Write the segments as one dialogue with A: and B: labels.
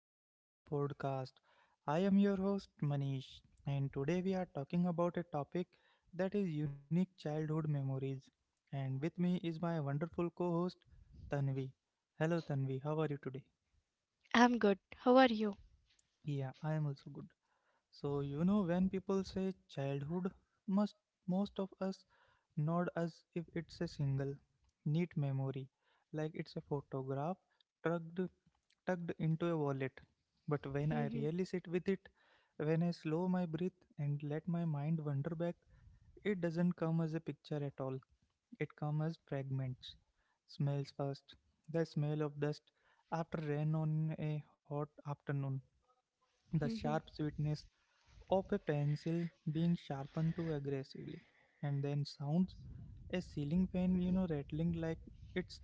A: welcome to the podcast. I am your host, Manish, and today we are talking about a topic that is unique childhood memories. And with me is my wonderful co host, Tanvi. Hello, Tanvi, how are you today?
B: I'm good. How are you?
A: Yeah, I am also good. So, when people say childhood, must most of us nod as if it's a single, neat memory, like it's a photograph tucked, tucked into a wallet. But when I
B: Mhm,
A: really sit with it, when I slow my breath and let my mind wander back, it doesn't come as a picture at all. It comes as fragments. Smells first. The smell of dust after rain on a hot afternoon. The
B: mhm.
A: sharp sweetness of a pencil being sharpened too aggressively. And then sounds a ceiling fan, rattling like it's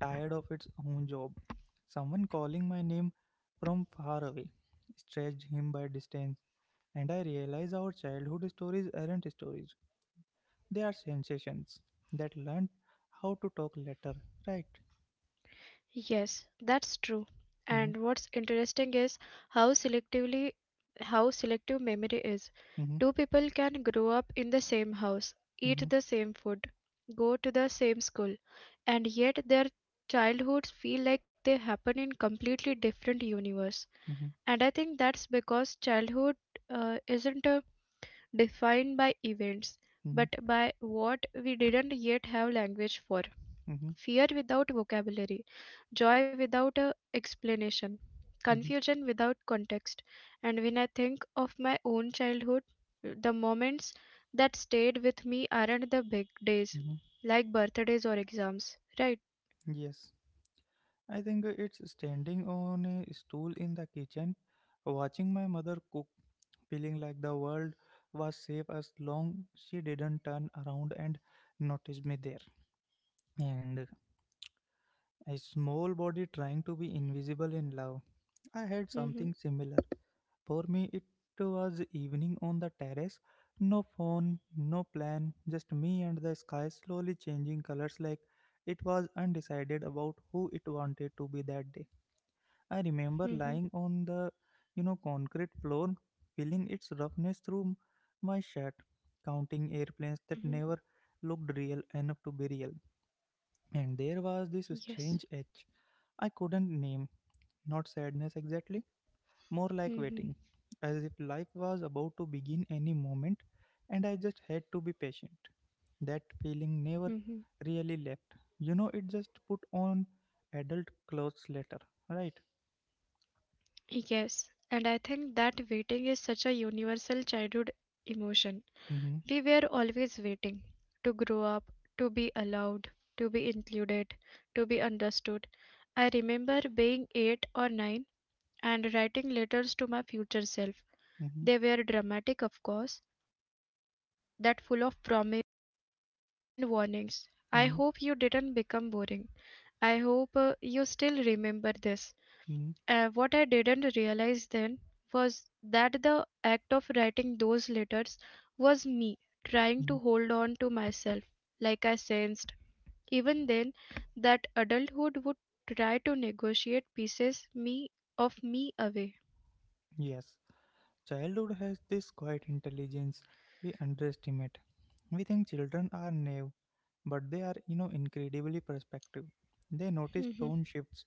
A: tired of its own job. Someone calling my name from far away stretched him by distance, and I realized our childhood stories aren't stories. They are sensations that learned how to talk later, right?
B: Yes, that's true.
A: Mm-hmm,
B: And what's interesting is how selectively how selective memory is.
A: mm-hmm,
B: Two people can grow up in the same house,
A: mm-hmm,
B: eat the same food, go to the same school, and yet their childhoods feel like they happen in completely different universe.
A: mm-hmm,
B: And I think that's because childhood isn't defined by events, but by what we didn't yet have language for.
A: mm-hmm, mm-hmm,
B: Fear without vocabulary, joy without a explanation,
A: mm-hmm,
B: confusion without context. And when I think of my own childhood, the moments that stayed with me aren't the big days,
A: mm-hmm.
B: like birthdays or exams, right?
A: Yes, I think it's standing on a stool in the kitchen, watching my mother cook feeling like the world was safe as long she didn't turn around and notice me there. And a small body trying to be invisible in love. I had
B: Mm-hmm,
A: something similar. For me, it was evening on the terrace. No phone, no plan, just me and the sky slowly changing colors like it was undecided about who it wanted to be that day. I remember
B: mm-hmm,
A: lying on the concrete floor, feeling its roughness through my shirt, counting airplanes that
B: mm-hmm.
A: never looked real enough to be real. And there was this
B: Yes.
A: strange itch I couldn't name, not sadness exactly, more like
B: Mm-hmm,
A: waiting, as if life was about to begin any moment, and I just had to be patient. That feeling never
B: mm-hmm.
A: really left. It just put on adult clothes later, right?
B: Yes. And I think that waiting is such a universal childhood emotion.
A: Mm-hmm.
B: We were always waiting to grow up, to be allowed, to be included, to be understood. I remember being 8 or 9 and writing letters to my future self.
A: Mm-hmm.
B: They were dramatic, of course, that full of promise and warnings. I
A: Mhm,
B: hope you didn't become boring. I hope you still remember this.
A: mhm,
B: What I didn't realize then was that the act of writing those letters was me trying to
A: mhm.
B: hold on to myself, like I sensed. Even then, that adulthood would try to negotiate pieces me of me away.
A: Yes, childhood has this quiet intelligence we underestimate. We think children are naive, but they are, incredibly perspective. They notice
B: Mhm.
A: tone shifts,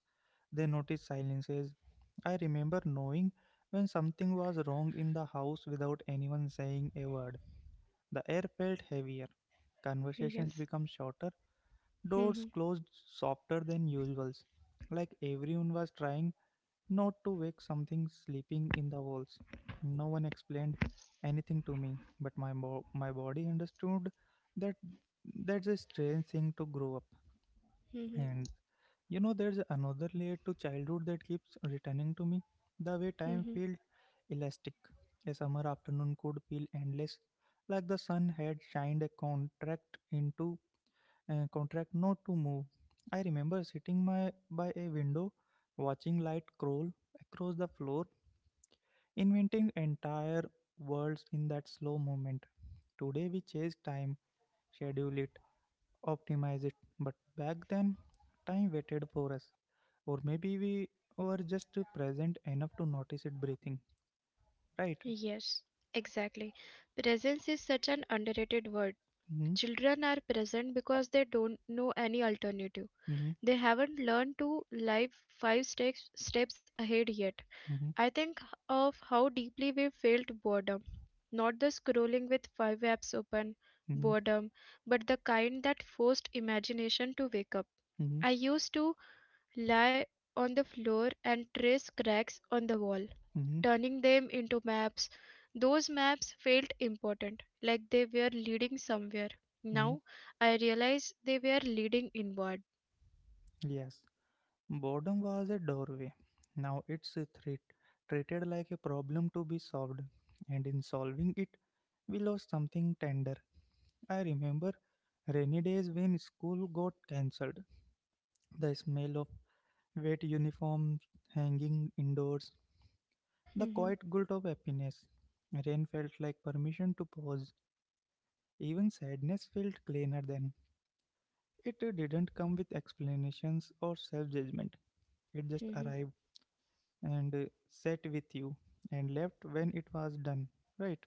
A: they notice silences. I remember knowing when something was wrong in the house without anyone saying a word. The air felt heavier, conversations
B: Yes.
A: become shorter, doors
B: Mhm.
A: closed softer than usual, like everyone was trying not to wake something sleeping in the walls. No one explained anything to me, but my body understood that that's a strange thing to grow up.
B: Mhm.
A: And there's another layer to childhood that keeps returning to me. The way time
B: Mhm.
A: felt elastic. A summer afternoon could feel endless, like the sun had shined a contract into a contract not to move. I remember sitting my by a window, watching light crawl across the floor inventing entire worlds in that slow movement. Today we chase time, schedule it, optimize it, but back then time waited for us. Or maybe we were just present enough to notice it breathing, right?
B: Yes. Exactly. Presence is such an underrated word.
A: Mm-hmm,
B: Children are present because they don't know any alternative.
A: mm-hmm,
B: They haven't learned to live five steps ahead yet.
A: mm-hmm,
B: I think of how deeply we felt boredom. Not the scrolling with five apps open
A: mm-hmm,
B: boredom, but the kind that forced imagination to wake up.
A: mm-hmm,
B: I used to lie on the floor and trace cracks on the wall,
A: mm-hmm,
B: turning them into maps. Those maps felt important, like they were leading somewhere.
A: mm-hmm.
B: Now I realize they were leading inward.
A: Yes, boredom was a doorway. Now it's a threat, treated like a problem to be solved, and in solving it, we lost something tender. I remember rainy days when school got cancelled, the smell of wet uniforms hanging indoors, the
B: Mhm,
A: quiet guilt of happiness. Rain felt like permission to pause. Even sadness felt cleaner then. It didn't come with explanations or self judgment. It just
B: mhm.
A: arrived and sat with you and left when it was done. Right?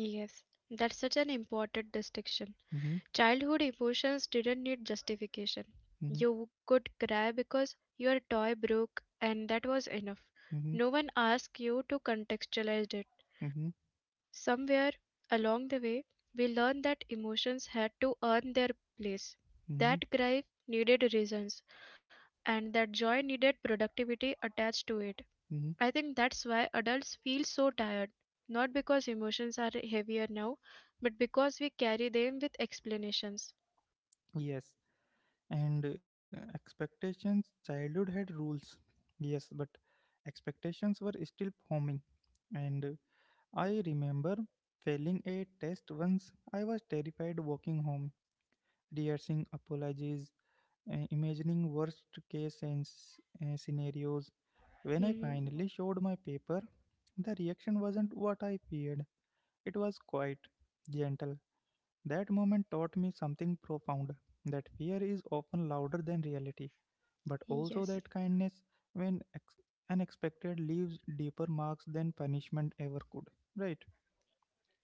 B: Yes, that's such an important distinction.
A: Mm-hmm,
B: Childhood emotions didn't need justification.
A: mm-hmm,
B: You could cry because your toy broke, and that was enough.
A: mm-hmm,
B: No one asked you to contextualize it.
A: mm-hmm,
B: Somewhere along the way, we learned that emotions had to earn their place,
A: mm-hmm,
B: that grief needed reasons, and that joy needed productivity attached to it.
A: mm-hmm.
B: I think that's why adults feel so tired, not because emotions are heavier now, but because we carry them with explanations.
A: Yes, and expectations childhood had rules yes but expectations were still forming and I remember failing a test once. I was terrified walking home rehearsing apologies, imagining worst case and scenarios. When I
B: Hmm.
A: finally showed my paper the reaction wasn't what I feared. It was quite gentle. That moment taught me something profound, that fear is often louder than reality, but also
B: Yes.
A: that kindness, when ex- unexpected, leaves deeper marks than punishment ever could. Right?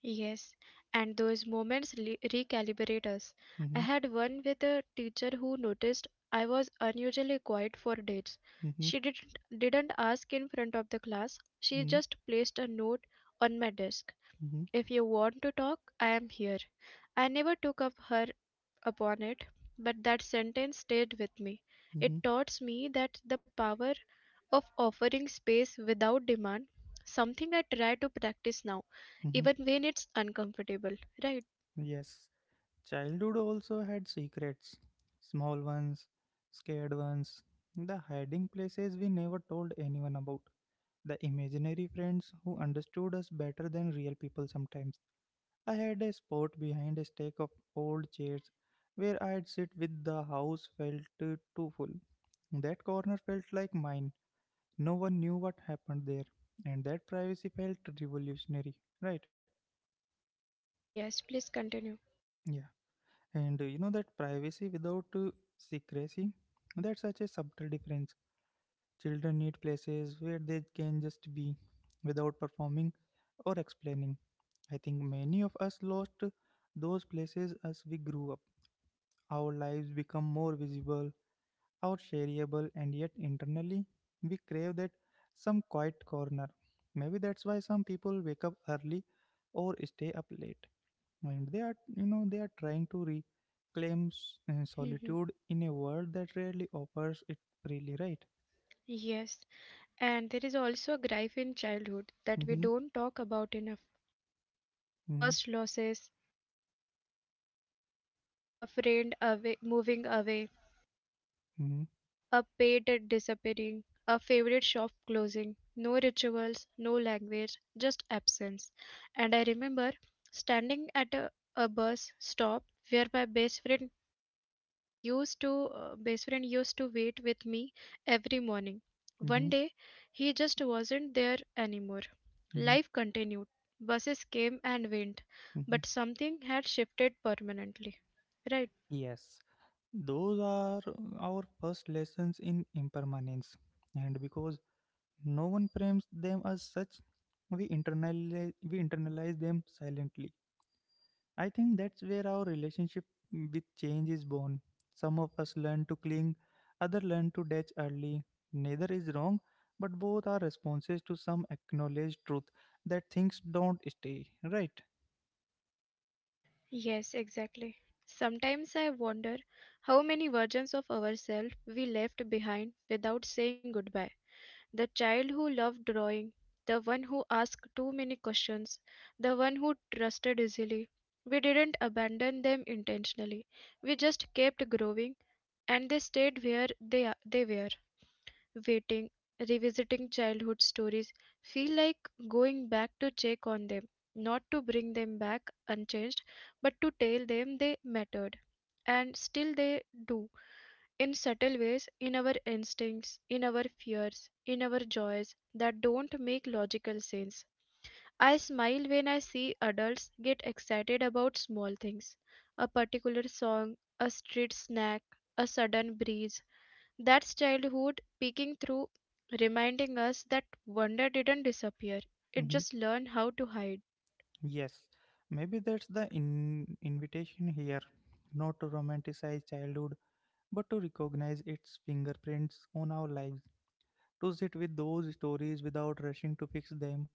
B: Yes, and those moments recalibrate us. I
A: Mm-hmm,
B: had one with a teacher who noticed I was unusually quiet for dates.
A: mm-hmm,
B: She didn't ask in front of the class. She
A: mm-hmm,
B: just placed a note on my desk.
A: mm-hmm,
B: If you want to talk, I am here. I never took up her upon it, but that sentence stayed with me. It
A: mm-hmm,
B: taught me that the power of offering space without demand, something I try to practice now,
A: mm-hmm.
B: even when it's uncomfortable, right?
A: Yes. Childhood also had secrets small ones, scared ones, the hiding places we never told anyone about, the imaginary friends who understood us better than real people sometimes. I had a spot behind a stack of old chairs where I'd sit with the house felt too full. That corner felt like mine. No one knew what happened there. And that privacy felt revolutionary, right?
B: Yes, please continue.
A: Yeah. And you know that privacy without secrecy? That's such a subtle difference. Children need places where they can just be without performing or explaining. I think many of us lost those places as we grew up. Our lives become more visible, our shareable, and yet internally, we crave that some quiet corner. Maybe that's why some people wake up early or stay up late. And they are, they are trying to reclaim
B: Hmm.
A: solitude in a world that rarely offers it freely, right?
B: Yes, and there is also a grief in childhood that we
A: Mm-hmm,
B: don't talk about enough.
A: mm-hmm,
B: First losses, a friend away, moving away,
A: mm-hmm,
B: a pet disappearing, a favorite shop closing, no rituals, no language, just absence. And I remember standing at a bus stop where my best friend used to best friend used to wait with me every morning.
A: mm-hmm,
B: One day he just wasn't there anymore.
A: mm-hmm,
B: Life continued. Buses came and went,
A: mm-hmm.
B: but something had shifted permanently. Right?
A: Yes, those are our first lessons in impermanence. And because no one frames them as such. We internalize them silently. I think that's where our relationship with change is born. Some of us learn to cling, others learn to detach early. Neither is wrong, but both are responses to some acknowledged truth that things don't stay, right?
B: Yes, exactly. Sometimes I wonder how many versions of ourselves we left behind without saying goodbye. The child who loved drawing, the one who asked too many questions, the one who trusted easily. We didn't abandon them intentionally. We just kept growing and they stayed where they were waiting, revisiting childhood stories feel like going back to check on them, not to bring them back unchanged, but to tell them they mattered. And still they do, in subtle ways, in our instincts, in our fears, in our joys that don't make logical sense. I smile when I see adults get excited about small things, a particular song, a street snack, a sudden breeze, that's childhood peeking through, reminding us that wonder didn't disappear, it
A: Hmm.
B: just learned how to hide.
A: Yes, maybe that's the invitation here, not to romanticize childhood, but to recognize its fingerprints on our lives, to sit with those stories without rushing to fix them,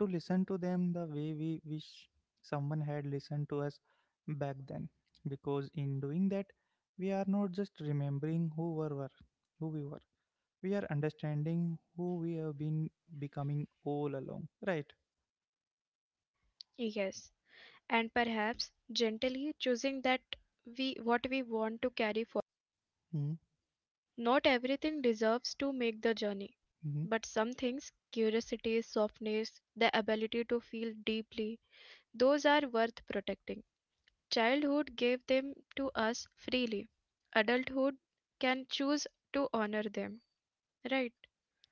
A: to listen to them the way we wish someone had listened to us back then. Because in doing that, we are not just remembering who we were. We are understanding who we have been becoming all along. Right?
B: Yes, and perhaps gently choosing that we what we want to carry forward. Not everything deserves to make the journey,
A: Mm-hmm.
B: but some things, curiosity, softness, the ability to feel deeply, those are worth protecting. Childhood gave them to us freely, adulthood can choose to honor them, right?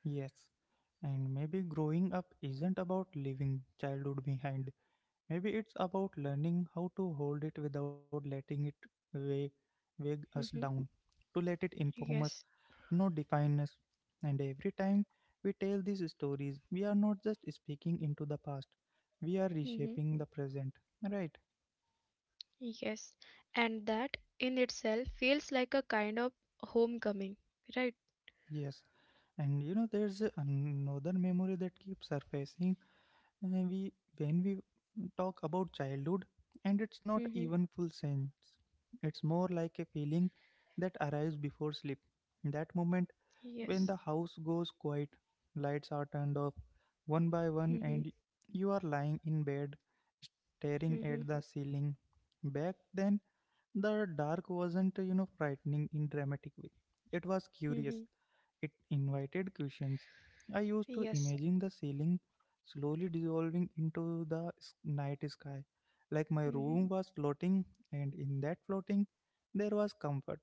A: Yes. And maybe growing up isn't about leaving childhood behind. Maybe it's about learning how to hold it without letting it weigh, weigh us
B: Mhm.
A: down, to let it inform us,
B: Yes.
A: not define us. And every time we tell these stories, we are not just speaking into the past, we are
B: Hmm.
A: reshaping the present. Right?
B: Yes, and that in itself feels like a kind of homecoming, right?
A: Yes. And there's another memory that keeps surfacing. We When we talk about childhood and it's not
B: Hmm.
A: even full sense, it's more like a feeling that arrives before sleep, that moment when
B: Yes.
A: the house goes quiet, lights are turned off one by one,
B: Hmm.
A: and you are lying in bed staring
B: Hmm.
A: at the ceiling. Back then the dark wasn't, frightening in dramatic way. It was
B: Hmm.
A: curious. It invited questions. I used to
B: Yes.
A: imagine the ceiling slowly dissolving into the night sky, like my
B: Hmm.
A: room was floating, and in that floating, there was comfort,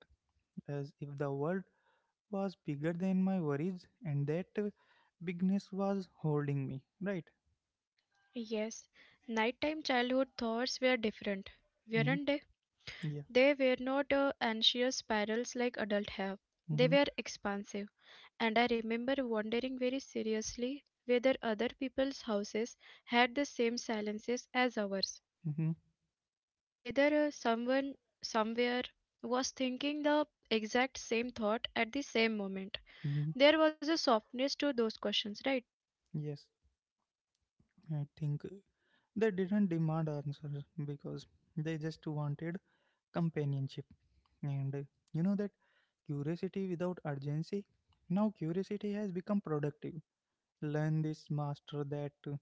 A: as if the world was bigger than my worries, and that bigness was holding me. Right?
B: Yes. Nighttime childhood thoughts were different,
A: Mm,
B: weren't they?
A: yeah.
B: They were not anxious spirals like adults have. They
A: Mm-hmm,
B: were expansive, and I remember wondering very seriously whether other people's houses had the same silences as ours,
A: mm-hmm,
B: whether someone somewhere was thinking the exact same thought at the same moment.
A: mm-hmm.
B: There was a softness to those questions, right?
A: Yes, I think. They didn't demand answers because they just wanted companionship. And you know that curiosity without urgency? Now, curiosity has become productive. Learn this, master that,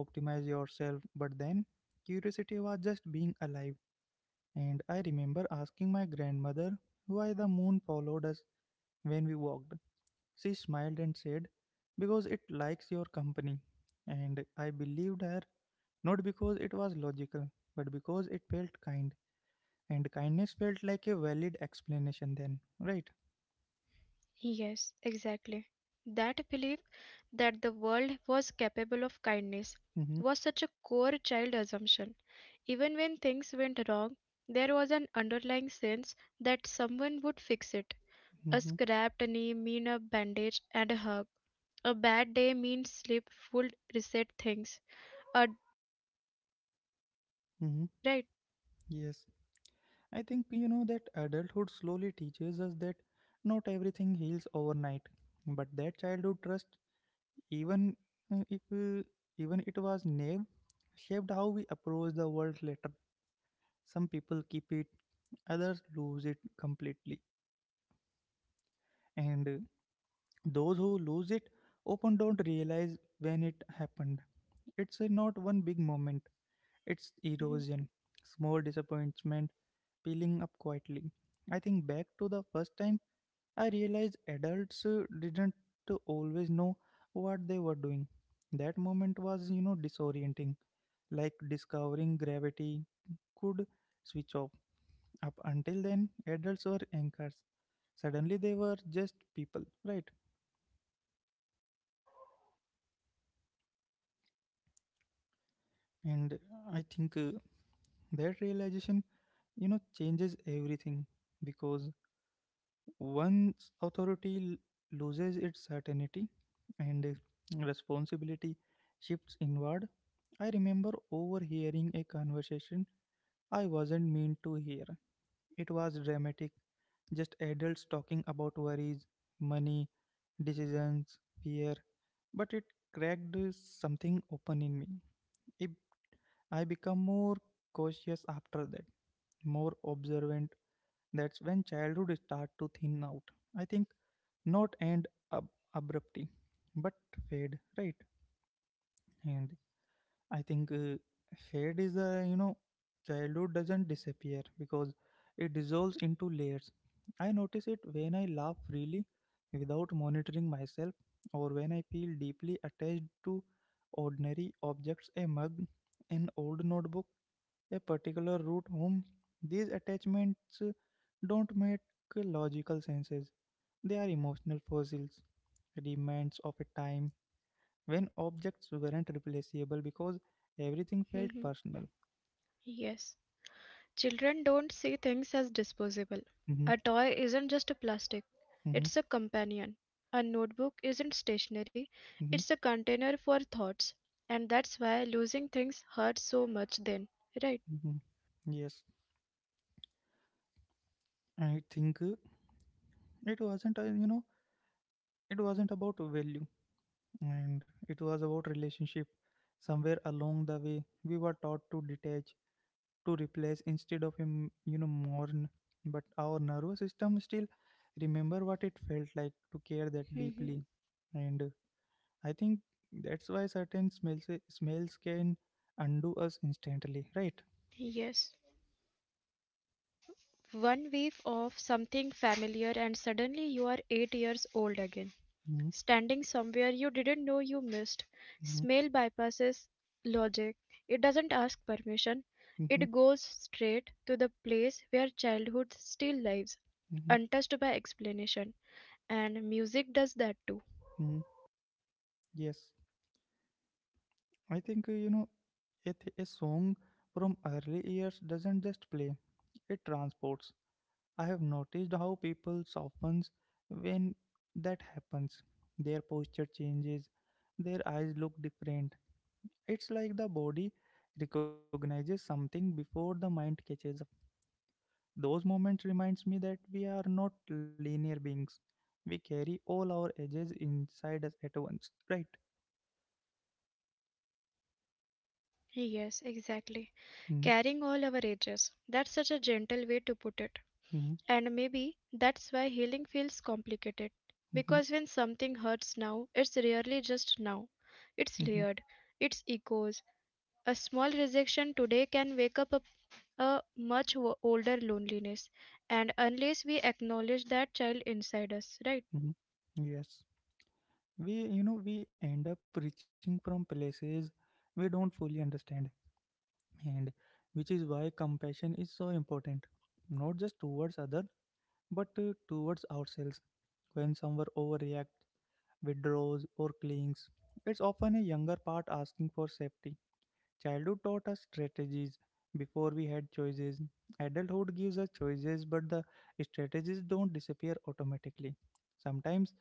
A: optimize yourself. But then, curiosity was just being alive. And I remember asking my grandmother why the moon followed us when we walked. She smiled and said, Because it likes your company. And I believed her not because it was logical, but because it felt kind, and kindness felt like a valid explanation then, right?
B: Yes, exactly. That belief that the world was capable of kindness
A: Mm-hmm,
B: was such a core child assumption. Even when things went wrong, there was an underlying sense that someone would fix it. A
A: mm-hmm,
B: scrapped knee mean a bandage and a hug. A bad day means sleep would reset things. A
A: mm-hmm.
B: right.
A: Yes, I think that adulthood slowly teaches us that not everything heals overnight, but that childhood trust, even if even it was naive, shaped how we approach the world later. Some people keep it, others lose it completely, and those who lose it often don't realize when it happened. It's not one big moment, it's
B: Hmm.
A: erosion, small disappointment peeling up quietly. I think back to the first time I realized adults didn't always know what they were doing. That moment was, disorienting, like discovering gravity could switch off. Up until then, adults were anchors. Suddenly, they were just people, right? And I think that realization, changes everything because once authority loses its certainty and responsibility shifts inward, I remember overhearing a conversation I wasn't meant to hear. It was dramatic, just adults talking about worries, money, decisions, fear, but it cracked something open in me. A I become more cautious after that, more observant. That's when childhood start to thin out. I think not abruptly, but fade, right? And I think fade is a childhood doesn't disappear because it dissolves into layers. I notice it when I laugh freely without monitoring myself, or when I feel deeply attached to ordinary objects, a mug, an old notebook a particular root whom these attachments don't make logical senses. They are emotional fossils, remnants of a time when objects weren't replaceable because everything felt
B: Hmm.
A: personal.
B: Yes. Children don't see things as disposable.
A: hmm
B: A toy isn't just a plastic,
A: hmm
B: it's a companion. A notebook isn't stationary,
A: hmm
B: it's a container for thoughts. And that's why losing things hurts so much then, right?
A: hmm Yes, I think it wasn't, it wasn't about value and it was about relationship. Somewhere along the way, we were taught to detach, to replace instead of mourn, but our nervous system still remember what it felt like to care that
B: Hmm.
A: deeply. And I think that's why certain smells can undo us instantly, right?
B: Yes. One wave of something familiar, and suddenly you are 8 years old again.
A: mm-hmm,
B: Standing somewhere you didn't know you missed.
A: mm-hmm,
B: Smell bypasses logic. It doesn't ask permission.
A: mm-hmm,
B: It goes straight to the place where childhood still lives,
A: mm-hmm,
B: untouched by explanation. And music does that too.
A: mm-hmm. Yes, I think a song from early years doesn't just play, it transports. I have noticed how people softens when that happens. Their posture changes, their eyes look different. It's like the body recognizes something before the mind catches up. Those moments reminds me that we are not linear beings. We carry all our edges inside us at once, right?
B: Yes, exactly.
A: hmm
B: Carrying all our ages. That's such a gentle way to put it.
A: hmm
B: And maybe that's why healing feels complicated.
A: hmm
B: Because when something hurts now, it's rarely just now.
A: hmm
B: It's layered, it's echoes, a small rejection today can wake up a much older loneliness, and unless we acknowledge that child inside us, right?
A: hmm Yes. We you know we end up reaching from places we don't fully understand, and which is why compassion is so important, not just towards others but towards ourselves. When someone overreacts, withdraws or clings, it's often a younger part asking for safety. Childhood taught us strategies before we had choices. Adulthood gives us choices, but the strategies don't disappear automatically. Sometimes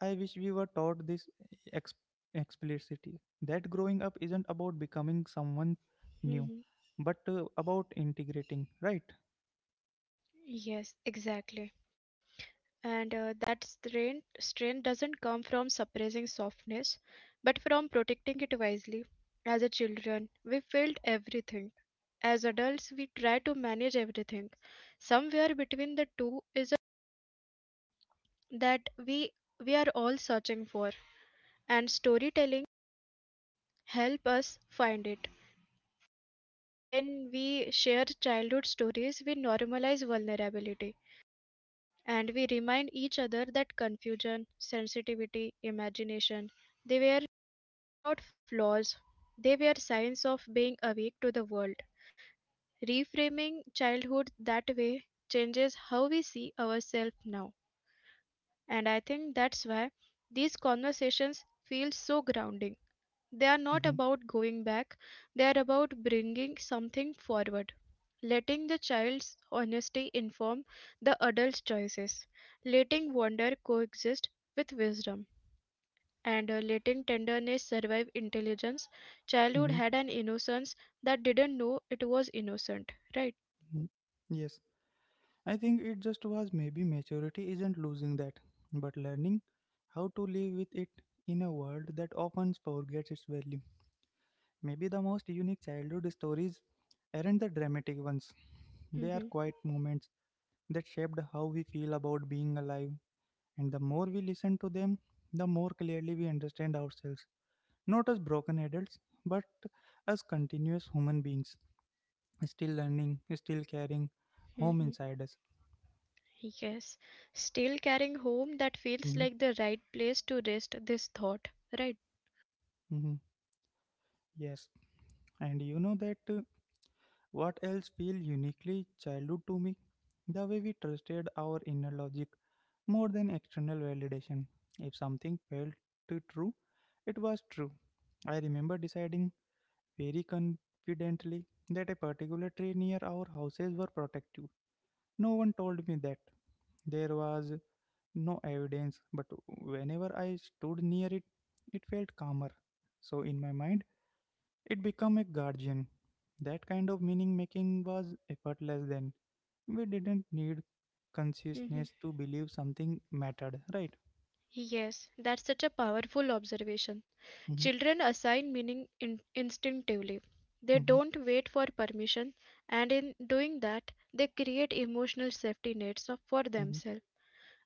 A: I wish we were taught this ex- explicitly, that growing up isn't about becoming someone new,
B: Hmm.
A: but about integrating, right?
B: Yes, exactly. And that strain doesn't come from suppressing softness, but from protecting it wisely. As a children, we felt everything. As adults, we try to manage everything. Somewhere between the two is a that we are all searching for. And storytelling help us find it. When we share childhood stories, we normalize vulnerability and we remind each other that confusion, sensitivity, imagination, they were they're not flaws. They were signs of being awake to the world. Reframing childhood that way changes how we see ourselves now. And I think that's why these conversations feel so grounding. They are
A: hmm
B: not about going back, they are about bringing something forward. Letting the child's honesty inform the adult's choices, letting wonder coexist with wisdom, and letting tenderness survive intelligence. Childhood
A: hmm
B: had an innocence that didn't know it was innocent, right?
A: hmm Yes, I think it just was. Maybe maturity isn't losing that, but learning how to live with it in a world that often forgets its value. Maybe the most unique childhood stories aren't the dramatic ones, they are
B: Hmm.
A: quiet moments that shaped how we feel about being alive. And the more we listen to them, the more clearly we understand ourselves, not as broken adults, but as continuous human beings, still learning, still carrying home
B: Hmm.
A: inside us.
B: Yes, still carrying home, that feels
A: hmm
B: like the right place to rest this thought, right?
A: hmm Yes. And you know that what else feel uniquely childhood to me? The way we trusted our inner logic more than external validation. If something felt too true, it was true. I remember deciding very confidently that a particular tree near our houses were protective. No one told me that. There was no evidence, but whenever I stood near it, it felt calmer. So in my mind, it became a guardian. That kind of meaning making was effortless then. We didn't need
B: Hmm.
A: consciousness to believe something mattered, right?
B: Yes, that's such a powerful observation.
A: Mm-hmm,
B: Children assign meaning in instinctively. They
A: mm-hmm,
B: don't wait for permission, and in doing that, they create emotional safety nets for
A: mm-hmm,
B: themselves.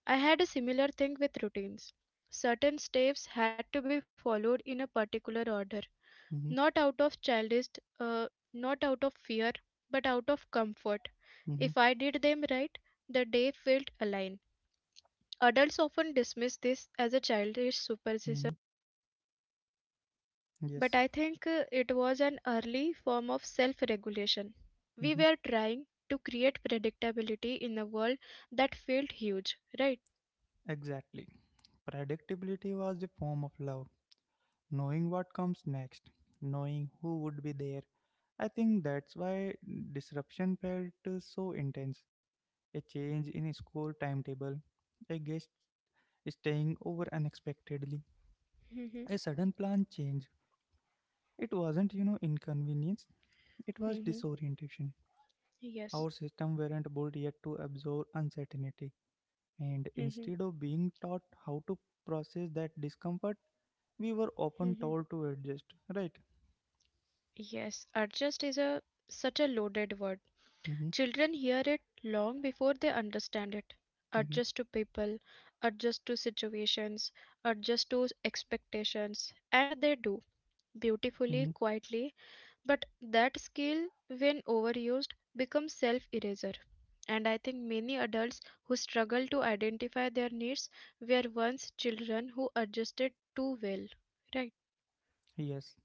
B: I had a similar thing with routines. Certain steps had to be followed in a particular order,
A: mm-hmm,
B: not out of childish, uh, not out of fear, but out of comfort.
A: mm-hmm,
B: If I did them right, the day felt aligned. Adults often dismiss this as a childish
A: mm-hmm.
B: superstition.
A: Yes,
B: But I think it was an early form of self regulation. We
A: mm-hmm.
B: were trying to create predictability in a world that felt huge, right?
A: Exactly. Predictability was a form of love, knowing what comes next, knowing who would be there. I think that's why disruption felt so intense. A change in school timetable, a guest staying over unexpectedly,
B: Mhm,
A: a sudden plan change. It wasn't, inconvenience, it was
B: mhm.
A: disorientation.
B: Yes.
A: Our system weren't built yet to absorb uncertainty. And
B: Mhm,
A: instead of being taught how to process that discomfort, we were often
B: mhm.
A: told to adjust, right?
B: Yes, adjust is a such a loaded word.
A: hmm
B: Children hear it long before they understand it.
A: hmm
B: Adjust to people, adjust to situations, adjust to expectations, and they do
A: hmm
B: beautifully, quietly. But that skill, when overused, becomes self eraser. And I think many adults who struggle to identify their needs were once children who adjusted too well. Right?
A: Yes,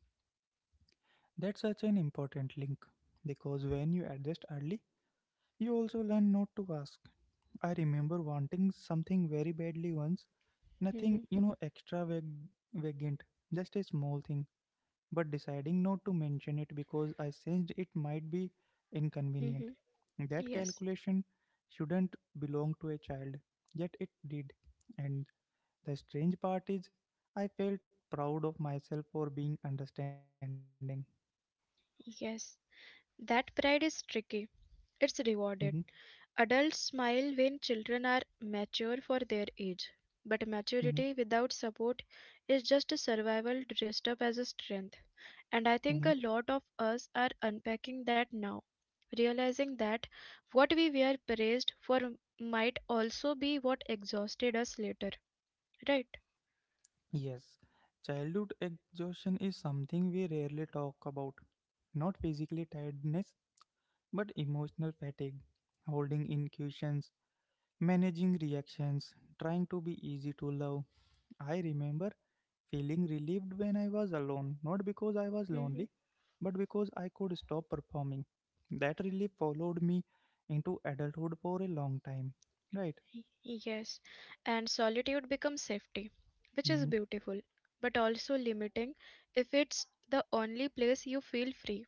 A: that's such an important link, because when you adjust early, you also learn not to ask. I remember wanting something very badly once, nothing,
B: Mm-hmm.
A: extravagant, just a small thing, but deciding not to mention it because I sensed it might be inconvenient.
B: Mm-hmm.
A: That
B: Yes.
A: calculation shouldn't belong to a child, yet it did. And the strange part is, I felt proud of myself for being understanding.
B: Yes. That pride is tricky.
A: hmm
B: It's rewarded. Adults smile when children are mature for their age, but
A: hmm
B: maturity without support is just a survival dressed up as a strength. And
A: hmm
B: I think a lot of us are unpacking that now, realizing that what we were praised for might also be what exhausted us later, right?
A: Yes, childhood exhaustion is something we rarely talk about. Not physically tiredness, but emotional fatigue, holding in questions, managing reactions, trying to be easy to love. I remember feeling relieved when I was alone, not because I was
B: Mhm.
A: lonely, but because I could stop performing. That relief followed me into adulthood for a long time. Right?
B: Yes, and solitude becomes safety, which is
A: hmm
B: beautiful, but also limiting if it's the only place you feel free.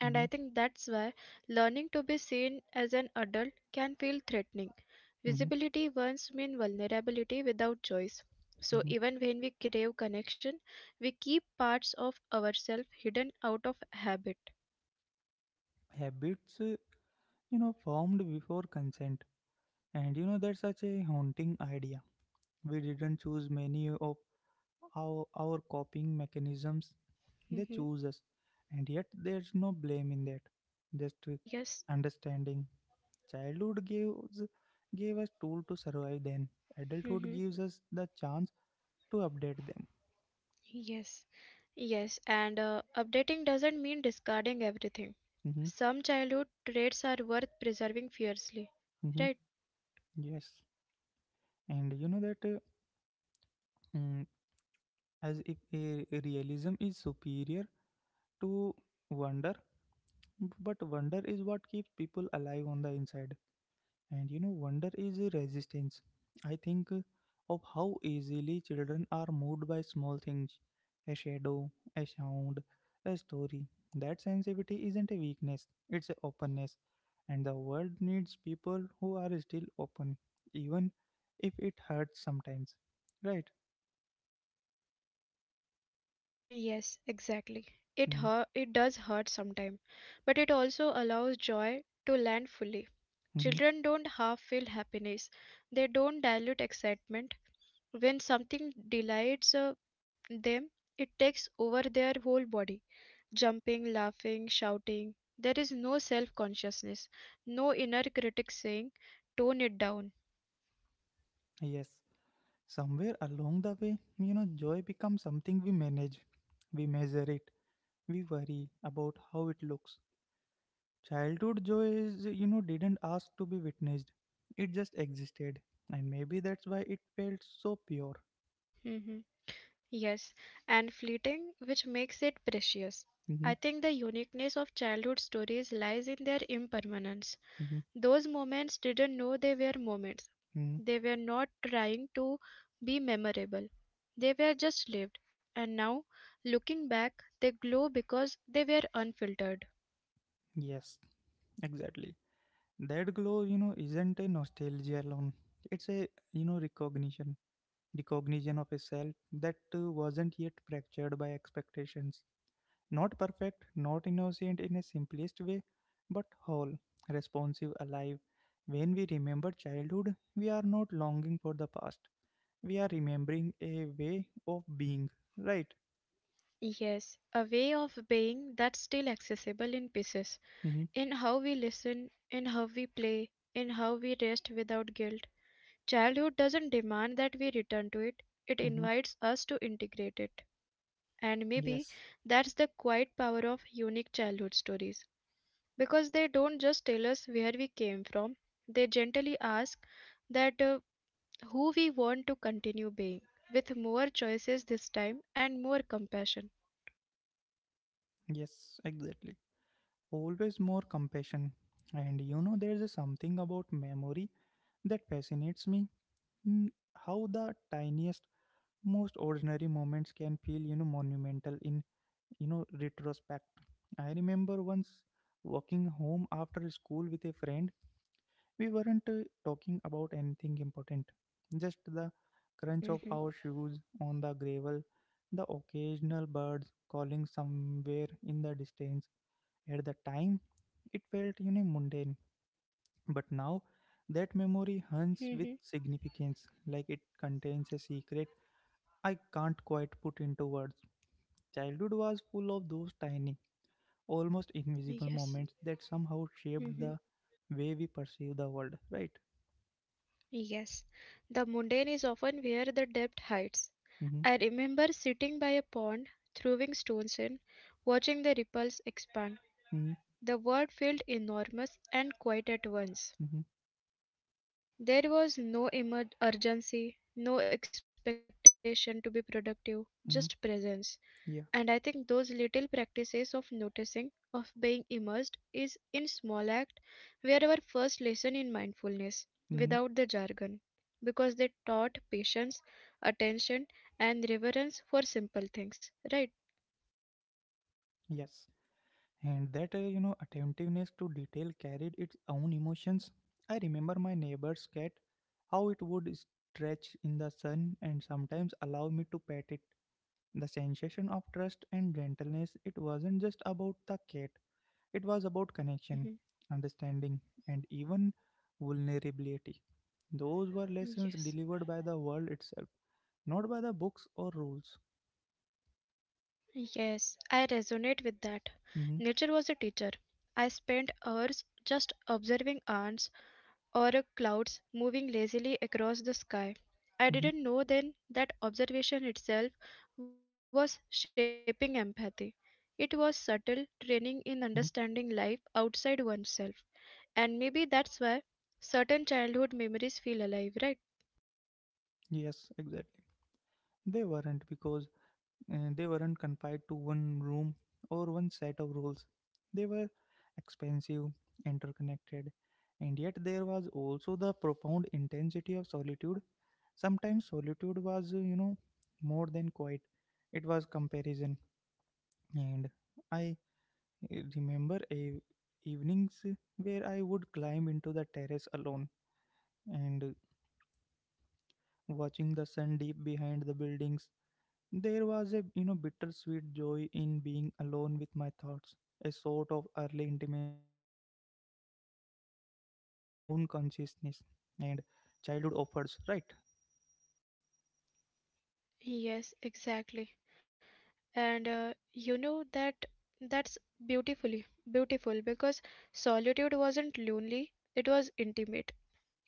B: And
A: hmm
B: I think that's why learning to be seen as an adult can feel threatening.
A: hmm
B: Visibility once meant vulnerability without choice. So
A: hmm
B: even when we crave connection, we keep parts of ourselves hidden out of habit.
A: Habits, formed before consent. And that's such a haunting idea. We didn't choose many of our coping mechanisms, they
B: Hmm.
A: choose us. And yet, there's no blame in that. Just
B: Yes.
A: understanding. Childhood gives gave us tool to survive then. Adulthood
B: Hmm.
A: gives us the chance to update them.
B: Yes. Yes. And updating doesn't mean discarding everything.
A: hmm
B: Some childhood traits are worth preserving fiercely,
A: hmm
B: right?
A: Yes. And you know mm, as if realism is superior to wonder, but wonder is what keeps people alive on the inside. And you know, wonder is a resistance. I think of how easily children are moved by small things: a shadow, a sound, a story. That sensitivity isn't a weakness, it's a openness. And the world needs people who are still open, even if it hurts sometimes. Right?
B: Yes, exactly. It
A: Mm,
B: hurt, it does hurt sometimes, but it also allows joy to land fully.
A: Mm-hmm.
B: Children don't half feel happiness. They don't dilute excitement. When something delights them, it takes over their whole body. Jumping, laughing, shouting. There is no self-consciousness, no inner critic saying, "Tone it down."
A: Yes. Somewhere along the way, joy becomes something we manage, we measure it, we worry about how it looks. Childhood joy is, didn't ask to be witnessed. It just existed. And maybe that's why it felt so pure.
B: Mhm. Yes, and fleeting, which makes it precious.
A: hmm
B: I think the uniqueness of childhood stories lies in their impermanence.
A: hmm
B: Those moments didn't know they were moments.
A: hmm
B: They were not trying to be memorable. They were just lived. And now, looking back, they glow because they were unfiltered.
A: Yes, exactly. That glow, isn't a nostalgia alone. It's a, recognition. Recognition of a self that wasn't yet fractured by expectations. Not perfect, not innocent in a simplest way, but whole, responsive, alive. When we remember childhood, we are not longing for the past, we are remembering a way of being, right?
B: Yes, a way of being that's still accessible in pieces,
A: mm-hmm,
B: in how we listen, in how we play, in how we rest without guilt. Childhood doesn't demand that we return to it, it
A: mm-hmm.
B: invites us to integrate it. And maybe
A: yes
B: that's the quiet power of unique childhood stories, because they don't just tell us where we came from, they gently ask that who we want to continue being, with more choices this time and more compassion.
A: yes, exactly. Always more compassion. And you know there's a something about memory that fascinates me, mm, how the tiniest, most ordinary moments can feel monumental in, retrospect. I remember once walking home after school with a friend. We weren't talking about anything important, just the crunch of
B: Mhm.
A: our shoes on the gravel, the occasional birds calling somewhere in the distance. At the time, it felt mundane, but now that memory hunts with
B: Mhm.
A: significance, like it contains a secret I can't quite put into words. Childhood was full of those tiny, almost invisible
B: Yes.
A: moments that somehow shaped
B: Mhm.
A: the way we perceive the world, right?
B: Yes, the mundane is often where the depth hides.
A: Mm-hmm,
B: I remember sitting by a pond, throwing stones in, watching the ripples expand.
A: mm-hmm,
B: The world felt enormous and quiet at once.
A: mm-hmm.
B: There was no urgency, no expectation to be productive, just
A: Mm-hmm.
B: presence. And I
A: Yeah.
B: think those little practices of noticing, of being immersed, is in small act were our first lesson in mindfulness,
A: Mm-hmm.
B: without the jargon, because they taught
A: Yeah.
B: patience, attention, and reverence for simple things, right?
A: Yes. And that, attentiveness to detail carried its own emotions. I remember my neighbor's cat, how it would stretch in the sun and sometimes allow me to pet it. The sensation of trust and gentleness, it wasn't just about the cat, it was about connection,
B: Mhm.
A: understanding, and even vulnerability. Those were lessons
B: Yes.
A: delivered by the world itself, not by the books or rules.
B: Yes, I resonate with that.
A: Mm-hmm.
B: Nature was a teacher. I spent hours just observing ants, or clouds moving lazily across the sky. I
A: Mm-hmm.
B: didn't know then that observation itself was shaping empathy. It was subtle
A: Mm-hmm.
B: training in understanding life outside oneself. And maybe that's why certain childhood memories feel alive, right?
A: Yes, exactly. They weren't, because they weren't confined to one room or one set of rules. They were expansive, interconnected, and yet there was also the profound intensity of solitude. Sometimes solitude was, more than quiet, it was comparison. And I remember a evenings where I would climb into the terrace alone and watching the sun deep behind the buildings. There was a bittersweet joy in being alone with my thoughts, a sort of early intimacy with my own consciousness, and childhood offers, right?
B: Yes, exactly. And You know that's beautifully beautiful because solitude wasn't lonely, it was intimate.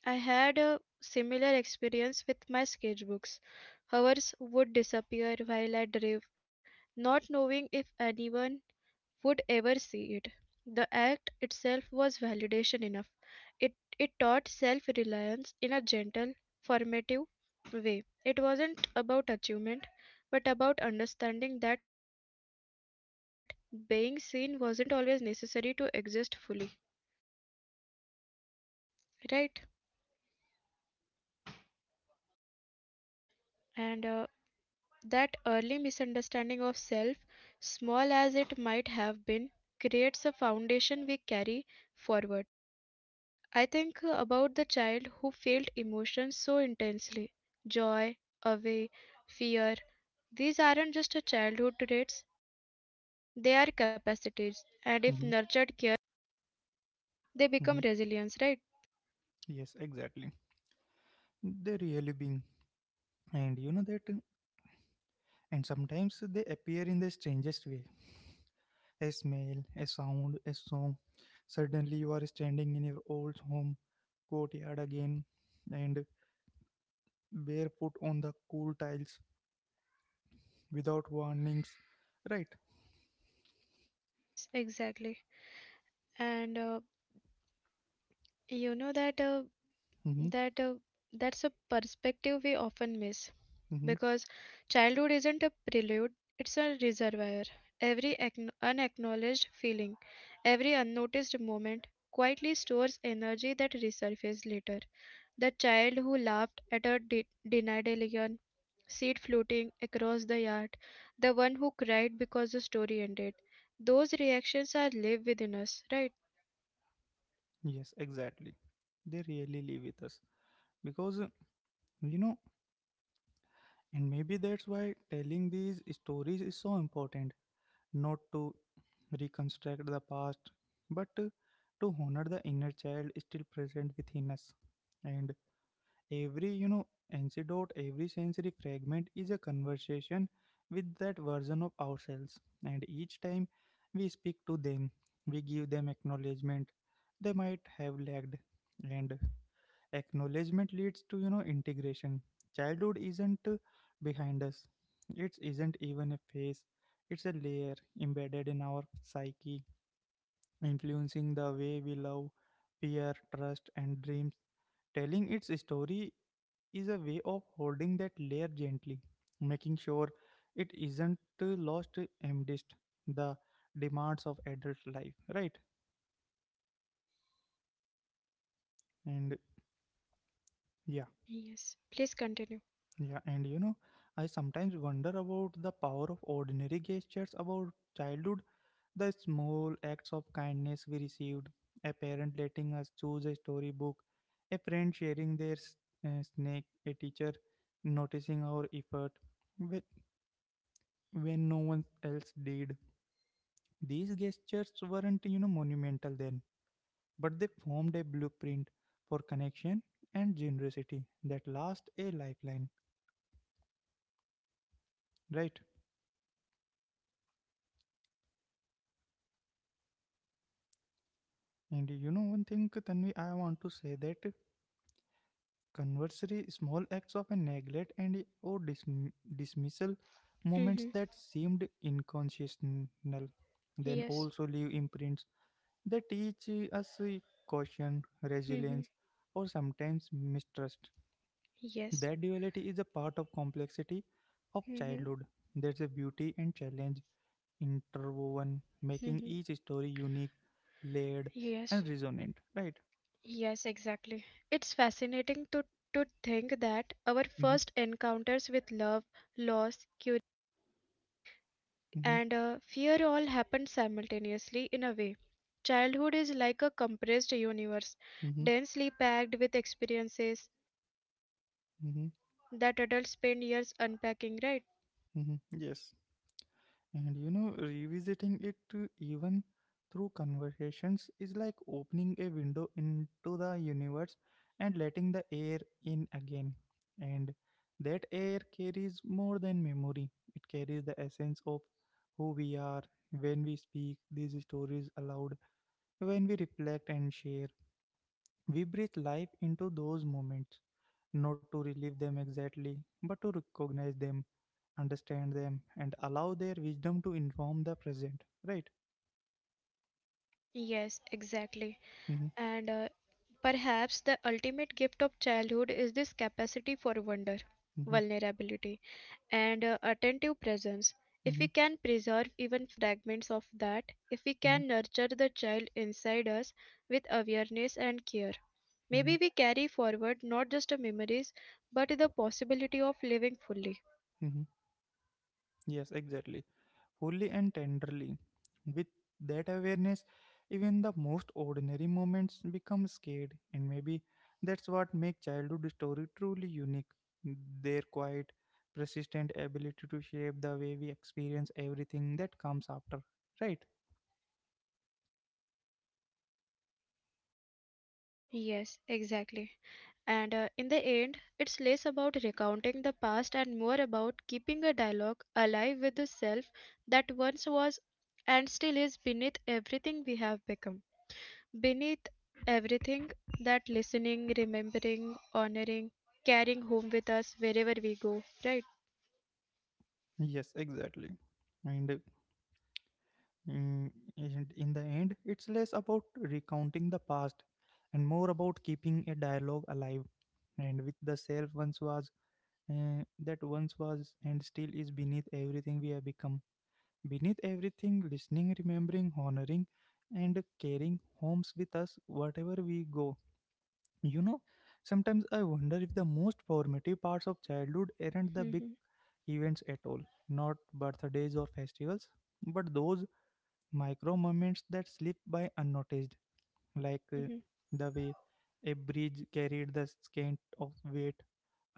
B: I had a similar experience with my sketchbooks. Hers would disappear while I drew, not knowing if anyone would ever see it. The act itself was validation enough. It, it taught self reliance in a gentle, formative way. It wasn't about achievement, but about understanding that being seen wasn't always necessary to exist fully, right? And That early misunderstanding of self, small as it might have been, creates a foundation we carry forward. I think about the child who felt emotions so intensely: joy, awe, fear. These aren't just a childhood traits, they are capacities, and if
A: hmm
B: nurtured carefully, they become
A: hmm
B: resilience, right?
A: Yes, exactly. They really being, and you know that, and sometimes they appear in the strangest way: a smell, a sound, a song. Suddenly, you are standing in your old home courtyard again, and barefoot on the cool tiles without warnings, right?
B: Yes, exactly. And You know
A: Mhm.
B: that uh, that's a perspective we often miss
A: Mm-hmm.
B: because childhood isn't a prelude, it's a reservoir. Every unacknowledged feeling, every unnoticed moment quietly stores energy that resurfaces later. The child who laughed at a denadelion, seed floating across the yard, the one who cried because the story ended. Those reactions are live within us, right?
A: Yes, exactly. They really live with us because you know, and maybe that's why telling these stories is so important. Not to reconstruct the past, but to honor the inner child still present within us. And every antidote, every sensory fragment is a conversation with that version of ourselves. And each time we speak to them, we give them acknowledgement they might have lagged, and acknowledgement leads to integration. Childhood isn't behind us, it isn't even a phase, it's a layer embedded in our psyche, influencing the way we love, fear, trust and dreams. Telling its story is a way of holding that layer gently, making sure it isn't lost amidst the demands of adult life, right? And yeah.
B: Yes. Please continue.
A: Yeah, and you know, I sometimes wonder about the power of ordinary gestures about childhood, the small acts of kindness we received, a parent letting us choose a storybook, a friend sharing their snake, a teacher noticing our effort when, when no one else did. These gestures weren't, monumental then, but they formed a blueprint for connection and generosity that last a lifeline, right? And you know one thing, Tanvi, I want to say that conversely, small acts of a neglect and or dismissal, moments
B: Hmm.
A: that seemed inconsequential then
B: Yes.
A: also leave imprints that teach us caution,
B: Hmm.
A: resilience, or sometimes mistrust.
B: Yes.
A: That duality is a part of complexity of
B: Mm-hmm.
A: childhood. There's a beauty and challenge interwoven, making
B: Mm-hmm.
A: each story unique, layered,
B: Yes.
A: and resonant. Right?
B: Yes, exactly. It's fascinating to think that our
A: Mhm,
B: first encounters with love, loss,
A: mhm.
B: and fear all happen simultaneously in a way. Childhood is like a compressed universe,
A: Mm-hmm,
B: densely packed with experiences
A: mm-hmm,
B: that adults spend years unpacking, right?
A: mm-hmm. Yes. And you know, revisiting it even through conversations is like opening a window into the universe and letting the air in again. And that air carries more than memory, it carries the essence of who we are. When we speak these stories aloud, when we reflect and share. We breathe life into those moments, not to relive them exactly, but to recognize them, understand them, and allow their wisdom to inform the present. Right?
B: Yes, exactly.
A: Mm-hmm,
B: And perhaps the ultimate gift of childhood is this capacity for wonder,
A: mm-hmm,
B: vulnerability, and attentive presence. If
A: mm-hmm,
B: we can preserve even fragments of that, if we
A: mm-hmm,
B: can nurture the child inside us with awareness and care,
A: mm-hmm,
B: maybe we carry forward not just the memories, but the possibility of living fully.
A: mm-hmm. Yes, exactly. Fully and tenderly. With that awareness, even the most ordinary moments become scared, and maybe that's what makes childhood story truly unique. Their quiet, persistent ability to shape the way we experience everything that comes after, right?
B: Yes, exactly. And in the end, it's less about recounting the past and more about keeping a dialogue alive with the self that once was and still is beneath everything we have become. Beneath everything that listening, remembering, honoring, carrying home with us wherever we go, right?
A: Yes, exactly. And uh, Mm, And in the end, it's less about recounting the past and more about keeping a dialogue alive and with the self once was, that once was and still is beneath everything we have become. Beneath everything, listening, remembering, honoring, and carrying homes with us wherever we go. You know, Sometimes I wonder if the most formative parts of childhood aren't the big
B: Mhm.
A: events at all, not birthdays or festivals, but those micro moments that slip by unnoticed, like
B: Mhm.
A: the way a bridge carried the scent of weight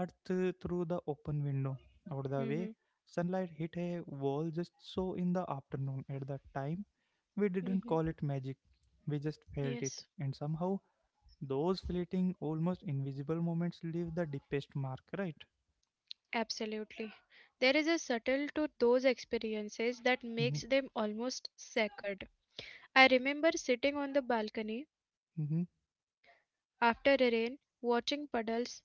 A: earth through the open window, or the way
B: Mhm.
A: sunlight hit a wall just so in the afternoon. At that time, we didn't
B: Mhm.
A: call it magic, we just felt it,
B: Yes,
A: and somehow those fleeting, almost invisible moments leave the deepest mark, right?
B: absolutely. There is a subtle to those experiences that
A: Mm-hmm,
B: makes them almost sacred. I remember sitting on the balcony
A: mm-hmm,
B: after the rain, watching puddles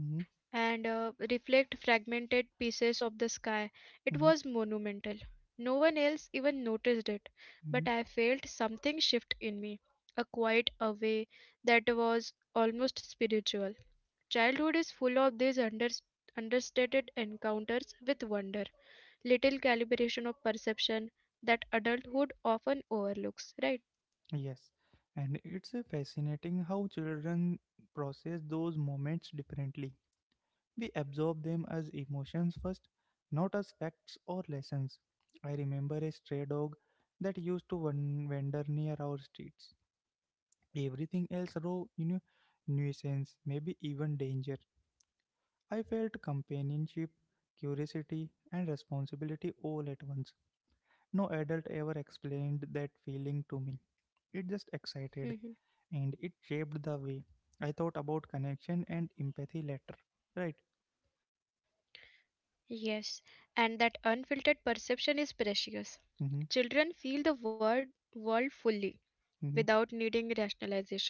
A: mm-hmm,
B: and reflect fragmented pieces of the sky, it
A: mm-hmm,
B: was monumental. No one else even noticed it,
A: mm-hmm.
B: but I felt something shift in me, a quiet away that was almost spiritual. Childhood is full of these understated encounters with wonder, little calibration of perception that adulthood often overlooks, right?
A: Yes, and it's fascinating how children process those moments differently. We absorb them as emotions first, not as facts or lessons. I remember a stray dog that used to wander near our streets. Everything else raw, nuisance, maybe even danger. I felt companionship, curiosity, and responsibility all at once. No adult ever explained that feeling to me. It just excited and it shaped the way I thought about connection and empathy later. Right?
B: Yes, and that unfiltered perception is precious.
A: Mm-hmm,
B: Children feel the world fully
A: mm-hmm,
B: without needing rationalization.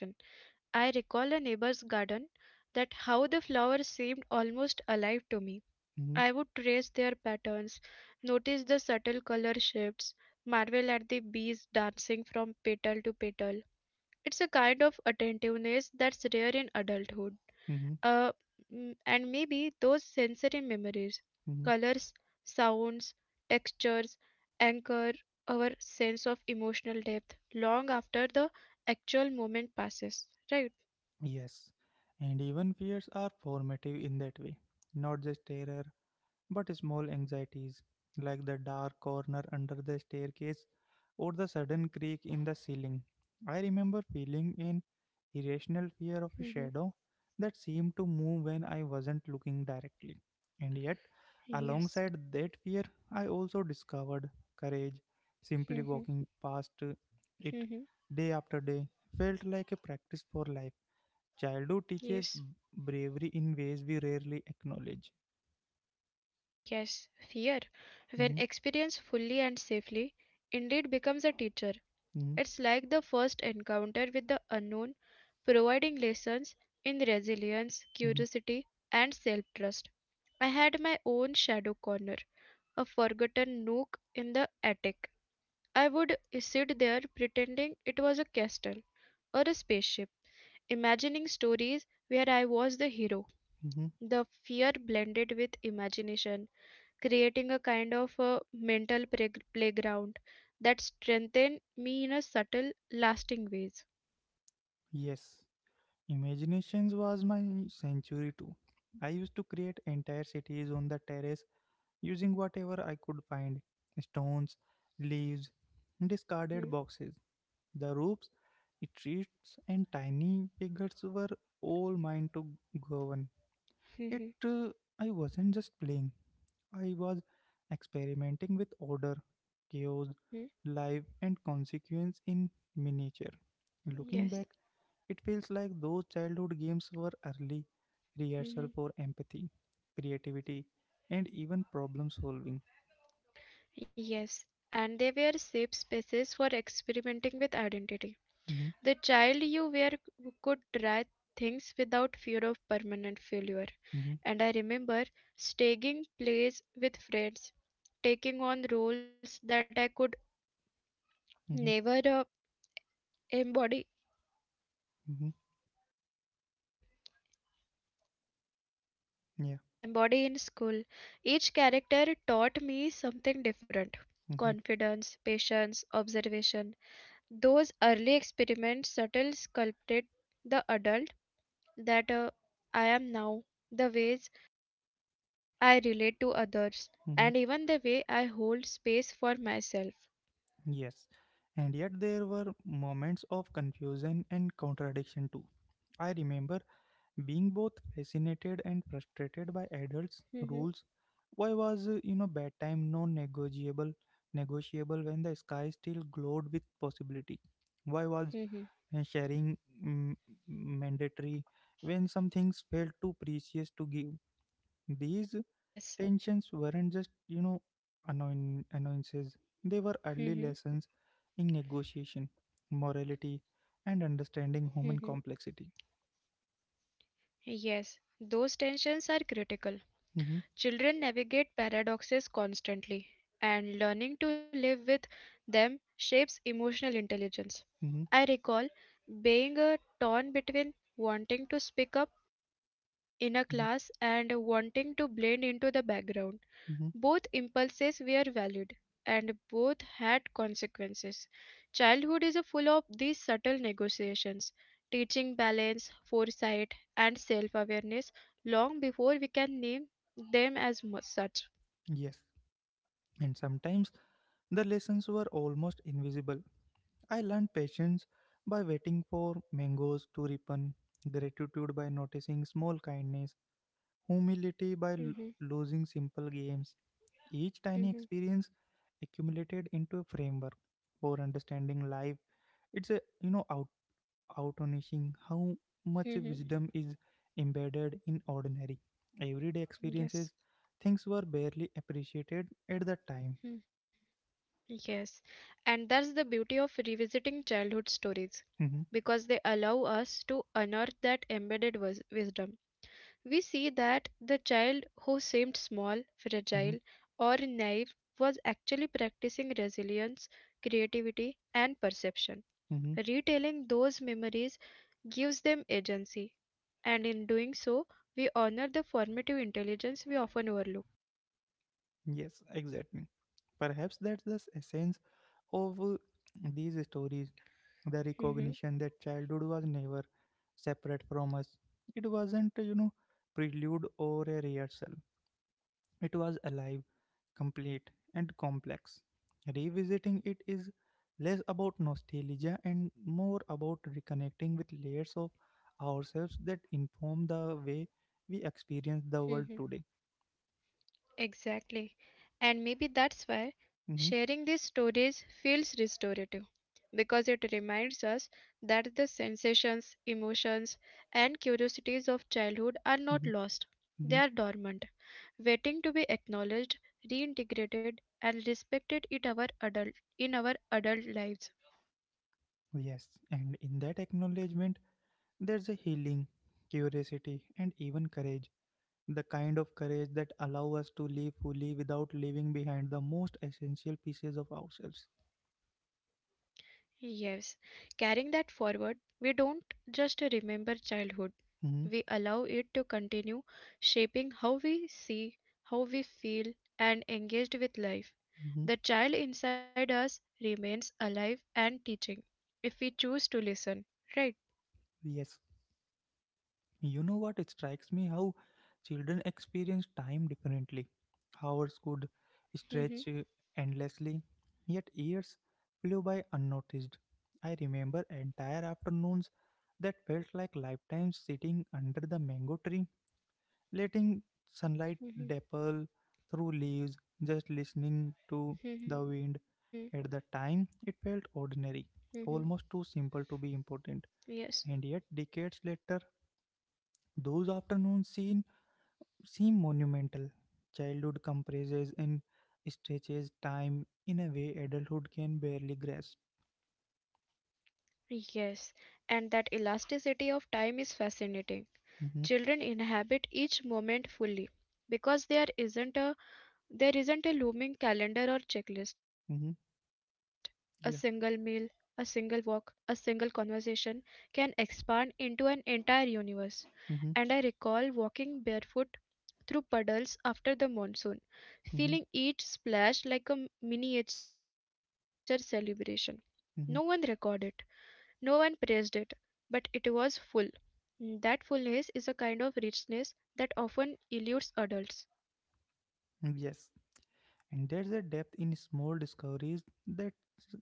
B: I recall a neighbor's garden that how the flowers seemed almost alive to me.
A: mm-hmm,
B: I would trace their patterns, notice the subtle color shifts, marvel at the bees dancing from petal to petal. It's a kind of attentiveness that's rare in adulthood.
A: mm-hmm,
B: uh, and maybe those sensory memories,
A: mm-hmm.
B: colors, sounds, textures, anchor our sense of emotional depth long after the actual moment passes, right?
A: Yes. And even fears are formative in that way, not just terror but small anxieties, like the dark corner under the staircase or the sudden creak in the ceiling. I remember feeling an irrational fear of a
B: Mm-hmm.
A: shadow that seemed to move when I wasn't looking directly. And yet,
B: Yes.
A: alongside that fear, I also discovered courage. Simply
B: Mm-hmm.
A: walking past it
B: Mm-hmm.
A: day after day felt like a practice for life. Childhood teaches
B: Yes.
A: bravery in ways we rarely acknowledge.
B: Yes. Fear, when
A: Mhm,
B: experienced fully and safely, indeed becomes a teacher.
A: mhm,
B: It's like the first encounter with the unknown, providing lessons in resilience,
A: mhm.
B: curiosity, and self trust. I had my own shadow corner, a forgotten nook in the attic. I would sit there pretending it was a castle or a spaceship, imagining stories where I was the hero.
A: Hmm.
B: The fear blended with imagination, creating a kind of a mental playground that strengthened me in a subtle, lasting ways.
A: Yes, imaginations was my sanctuary too. I used to create entire cities on the terrace using whatever I could find: stones, leaves, discarded
B: Mhm.
A: boxes. The roofs, streets, and tiny figures were all mine to govern. It,
B: Mhm.
A: uh, I wasn't just playing, I was experimenting with order, chaos,
B: Mhm.
A: life, and consequence in miniature. Looking back,
B: Yes.
A: it feels like those childhood games were early rehearsal
B: Mhm.
A: for empathy, creativity, and even problem solving.
B: Yes. And they were safe spaces for experimenting with identity.
A: Hmm.
B: The child you were could try things without fear of permanent failure.
A: Hmm.
B: And I remember staging plays with friends, taking on roles that I could never
A: Hmm.
B: embody
A: Hmm. Yeah.
B: embody in school. Each character taught me something different.
A: Hmm.
B: Confidence, patience, observation. Those early experiments subtly sculpted the adult that I am now, the ways I relate to others,
A: Hmm.
B: and even the way I hold space for myself.
A: Yes. And yet there were moments of confusion and contradiction too. I remember being both fascinated and frustrated by adults'
B: Hmm.
A: rules. Why was bedtime non-negotiable negotiable when the sky still glowed with possibility? Why was
B: Hmm.
A: and sharing mm, mandatory when some things felt too precious to give. These
B: Yes.
A: tensions weren't just, annoyances, they were early
B: Hmm.
A: lessons in negotiation, morality, and understanding human
B: Hmm.
A: complexity.
B: Yes. Those tensions are critical.
A: Mhm,
B: Children navigate paradoxes constantly, and learning to live with them shapes emotional intelligence.
A: mhm,
B: I recall being torn between wanting to speak up in a
A: mhm,
B: class and wanting to blend into the background.
A: mhm.
B: Both impulses were valid and both had consequences. Childhood is full of these subtle negotiations, teaching balance, foresight, and self awareness long before we can name them as such.
A: Yes. And sometimes the lessons were almost invisible. I learned patience by waiting for mangoes to ripen, gratitude by noticing small kindness, humility by
B: Mhm.
A: losing simple games. Each tiny
B: Mhm.
A: experience accumulated into a framework for understanding life. It's a out astonishing how much
B: Mhm.
A: wisdom is embedded in ordinary everyday
B: Yes.
A: experiences. Things were barely appreciated at the time.
B: Mm. Yes, and that's the beauty of revisiting childhood stories
A: Hmm.
B: because they allow us to unearth that embedded wisdom. We see that the child who seemed small,
A: Hmm.
B: fragile, or naive was actually practicing resilience, creativity, and perception.
A: Hmm.
B: Retelling those memories gives them agency, and in doing so, we honor the formative intelligence we often overlook.
A: Yes, exactly. Perhaps that's the essence of these stories, the
B: Mhm.
A: recognition that childhood was never separate from us. It wasn't, prelude or a rehearsal. It was alive, complete, and complex. Revisiting it is less about nostalgia and more about reconnecting with layers of ourselves that inform the way we experience the world
B: Mhm.
A: today.
B: Exactly. And maybe that's why
A: Mhm,
B: sharing these stories feels restorative, because it reminds us that the sensations, emotions, and curiosities of childhood are not
A: mhm,
B: lost. They
A: mhm.
B: are dormant, waiting to be acknowledged, reintegrated, and respected in our adult lives.
A: Yes, and in that acknowledgement, there's a healing, curiosity, and even courage, the kind of courage that allow us to live fully without leaving behind the most essential pieces of ourselves.
B: Yes, carrying that forward, we don't just remember childhood,
A: Hmm.
B: we allow it to continue shaping how we see, how we feel, and engaged with life.
A: Hmm.
B: The child inside us remains alive and teaching if we choose to listen, right?
A: Yes. You know what? It strikes me how children experience time differently. Hours could stretch
B: Mm-hmm.
A: endlessly, yet years flew by unnoticed. I remember entire afternoons that felt like lifetimes sitting under the mango tree letting sunlight
B: Mm-hmm.
A: dapple through leaves, just listening to the
B: Mm-hmm.
A: wind. At the time, it felt
B: Mm-hmm.
A: ordinary, almost too simple to be important.
B: Yes.
A: And yet, decades later, those afternoons seem monumental. Childhood compresses and stretches time in a way adulthood can
B: Mm-hmm.
A: barely grasp.
B: Yes, and that elasticity of time is fascinating.
A: Mm-hmm,
B: Children inhabit each moment fully because there isn't a looming calendar or checklist. A
A: mm-hmm,
B: single meal, a
A: yeah.
B: single walk, a single conversation can expand into an entire universe. And I
A: Mm-hmm,
B: recall walking barefoot through puddles after the monsoon, feeling
A: mm-hmm,
B: each splash like a miniature celebration. No one recorded it,
A: mm-hmm. Mm-hmm.
B: no one praised it, but it was full. Mm. That fullness is a kind of richness that often eludes adults.
A: Yes, and there's a depth in small discoveries that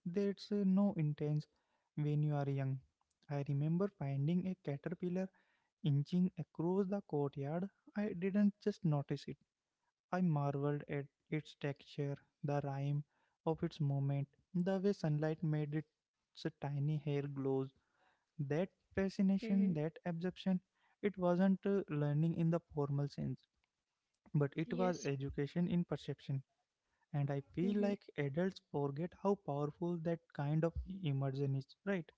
A: there's no intense when you are young. I remember finding a caterpillar inching across the courtyard. I didn't just notice it. I marveled at its texture, the rhyme of its
B: Mhm.
A: movement, the way sunlight made its tiny hair glow. That
B: Mhm.
A: fascination, that absorption, it wasn't learning in the formal sense, but it was
B: Yes.
A: education in perception, and I
B: Hmm.
A: feel
B: Hmm.
A: like adults forget how powerful that kind of immersion is, right?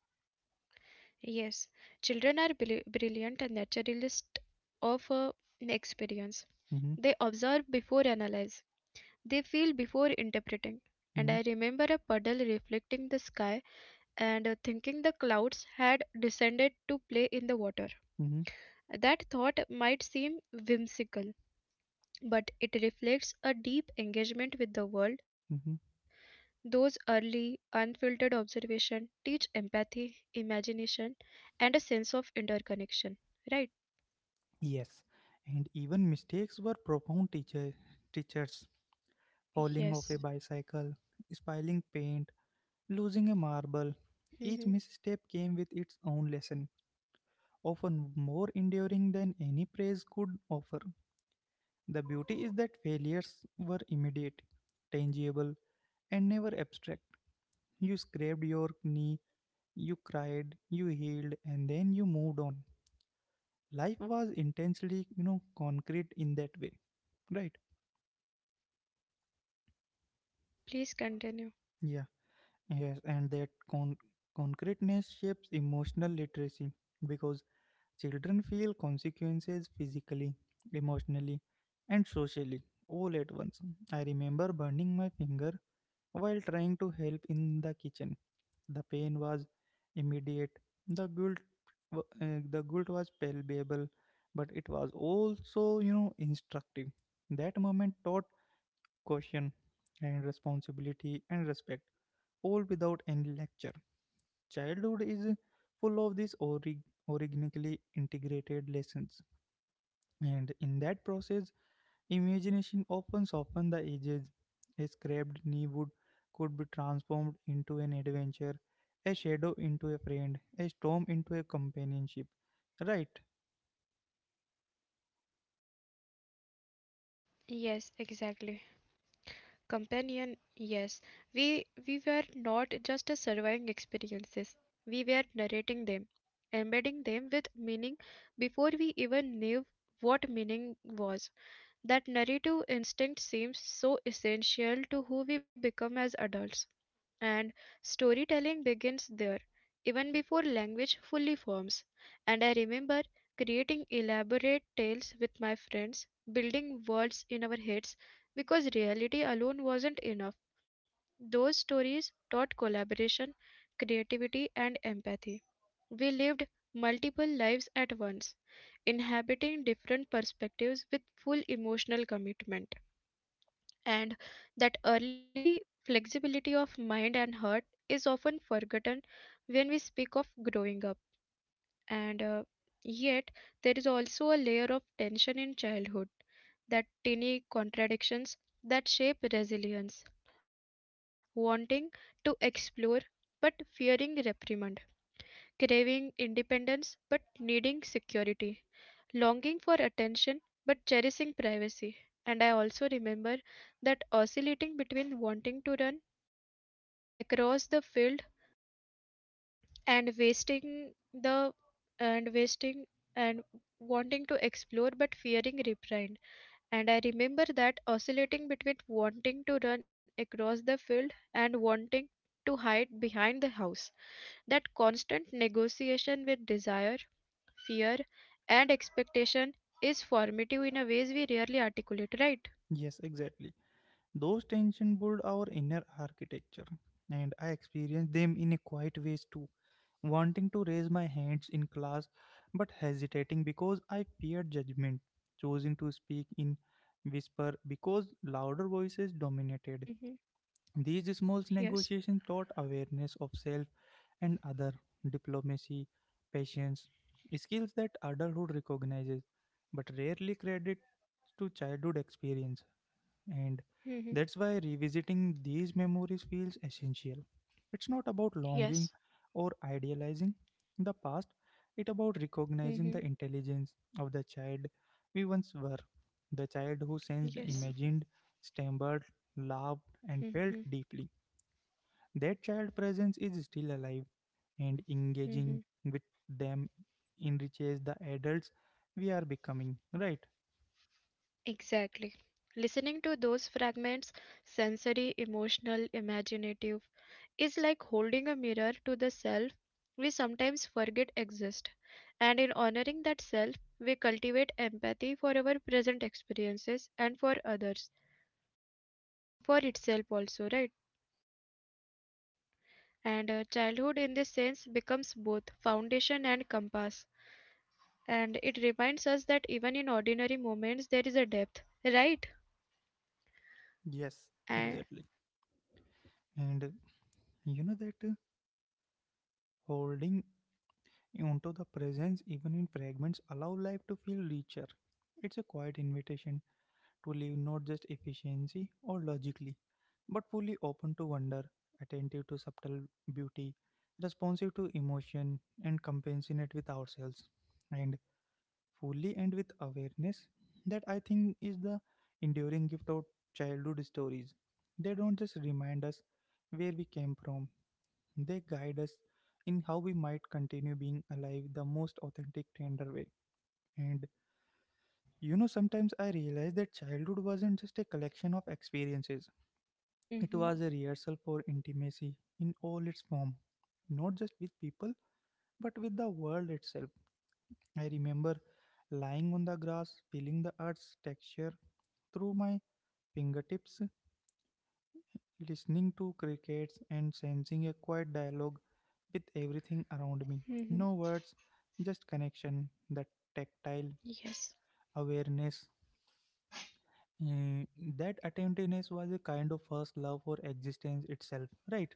B: Yes, children are brilliant and naturalist of experience. They observe
A: Hmm.
B: before analyze. They feel before interpreting. And I remember
A: Hmm.
B: a puddle reflecting the sky and thinking the clouds had descended to play in the water.
A: Hmm.
B: That thought might seem whimsical, but it reflects a deep engagement with the world.
A: Hmm.
B: Those early, unfiltered observations teach empathy, imagination, and a sense of interconnection, right?
A: Yes. And even mistakes were profound teachers: falling
B: Yes.
A: off a bicycle, spilling paint, losing a marble.
B: Hmm.
A: Each misstep came with its own lesson, often more enduring than any praise could offer. The beauty is that failures were immediate, tangible, and never abstract. You scraped your knee, you cried, you healed, and then you moved on. Life was intensely, concrete in that way. Right.
B: Please continue.
A: Yeah. Yes. And that concreteness shapes emotional literacy because children feel consequences physically, emotionally, and socially all at once. I remember burning my finger while trying to help in the kitchen. The pain was immediate. The guilt, the guilt was palpable, but it was also, instructive. That moment taught caution and responsibility and respect, all without any lecture. Childhood is full of these organically integrated lessons, and in that process, imagination opens often the edges. A scraped knee would could be transformed into an adventure, a shadow into a friend, a storm into a companionship. Right?
B: Yes, exactly. Companion, yes. We were not just a surviving experiences. We were narrating them, embedding them with meaning before we even knew what meaning was. That narrative instinct seems so essential to who we become as adults. And storytelling begins there, even before language fully forms. And I remember creating elaborate tales with my friends, building worlds in our heads because reality alone wasn't enough. Those stories taught collaboration, creativity, and empathy. We lived multiple lives at once, inhabiting different perspectives with full emotional commitment, and that early flexibility of mind and heart is often forgotten when we speak of growing up, and yet there is also a layer of tension in childhood, that tiny contradictions that shape resilience: wanting to explore but fearing reprimand, craving independence but needing security, longing for attention but cherishing privacy. And I also remember that oscillating between wanting to run across the field and wasting the and wasting and wanting to explore but fearing reprind. And I remember that oscillating between wanting to run across the field and wanting to hide behind the house. That constant negotiation with desire, fear, and expectation is formative in a ways we rarely articulate, right?
A: Yes, exactly. Those tensions build our inner architecture, and I experience them in a quiet ways too. Wanting to raise my hands in class, but hesitating because I feared judgment. Choosing to speak in whisper because louder voices dominated.
B: Mhm.
A: These small
B: Yes.
A: negotiations taught awareness of self and other, diplomacy, patience, skills that adulthood recognizes but rarely credits to childhood experience. And
B: Mhm.
A: that's why revisiting these memories feels essential. It's not about longing
B: Yes.
A: or idealizing the past, it's about recognizing the
B: Mhm.
A: intelligence of the child we once were, the child who sensed,
B: Yes.
A: imagined, stumbled, laughed, and felt
B: Mhm.
A: deeply. That child presence is still alive, and
B: Mhm.
A: engaging with them enriches the adults we are becoming, right?
B: Exactly. Listening to those fragments, sensory, emotional, imaginative, is like holding a mirror to the self we sometimes forget exist. And in honoring that self, we cultivate empathy for our present experiences and for others and for itself also, right? And childhood, in this sense, becomes both foundation and compass. And it reminds us that even in ordinary moments, there is a depth, right?
A: Yes,
B: And
A: exactly. And you know that holding onto the presence even in fragments allow life to feel richer. It's a quiet invitation to live not just efficiency or logically, but fully open to wonder, attentive to subtle beauty, responsive to emotion, and compassionate with ourselves. And fully and with awareness, that I think is the enduring gift of childhood stories. They don't just remind us where we came from, they guide us in how we might continue being alive the most authentic tender way. And sometimes I realize that childhood wasn't just a collection of experiences, it was a rehearsal
B: mhm.
A: for intimacy in all its form, not just with people but with the world itself. I remember lying on the grass feeling the earth's texture through my fingertips, listening to crickets and sensing a quiet dialogue with everything around me. No words,
B: Mhm.
A: just connection, that tactile
B: Yes.
A: awareness. Mm, that attentiveness was a kind of first love for existence itself, right?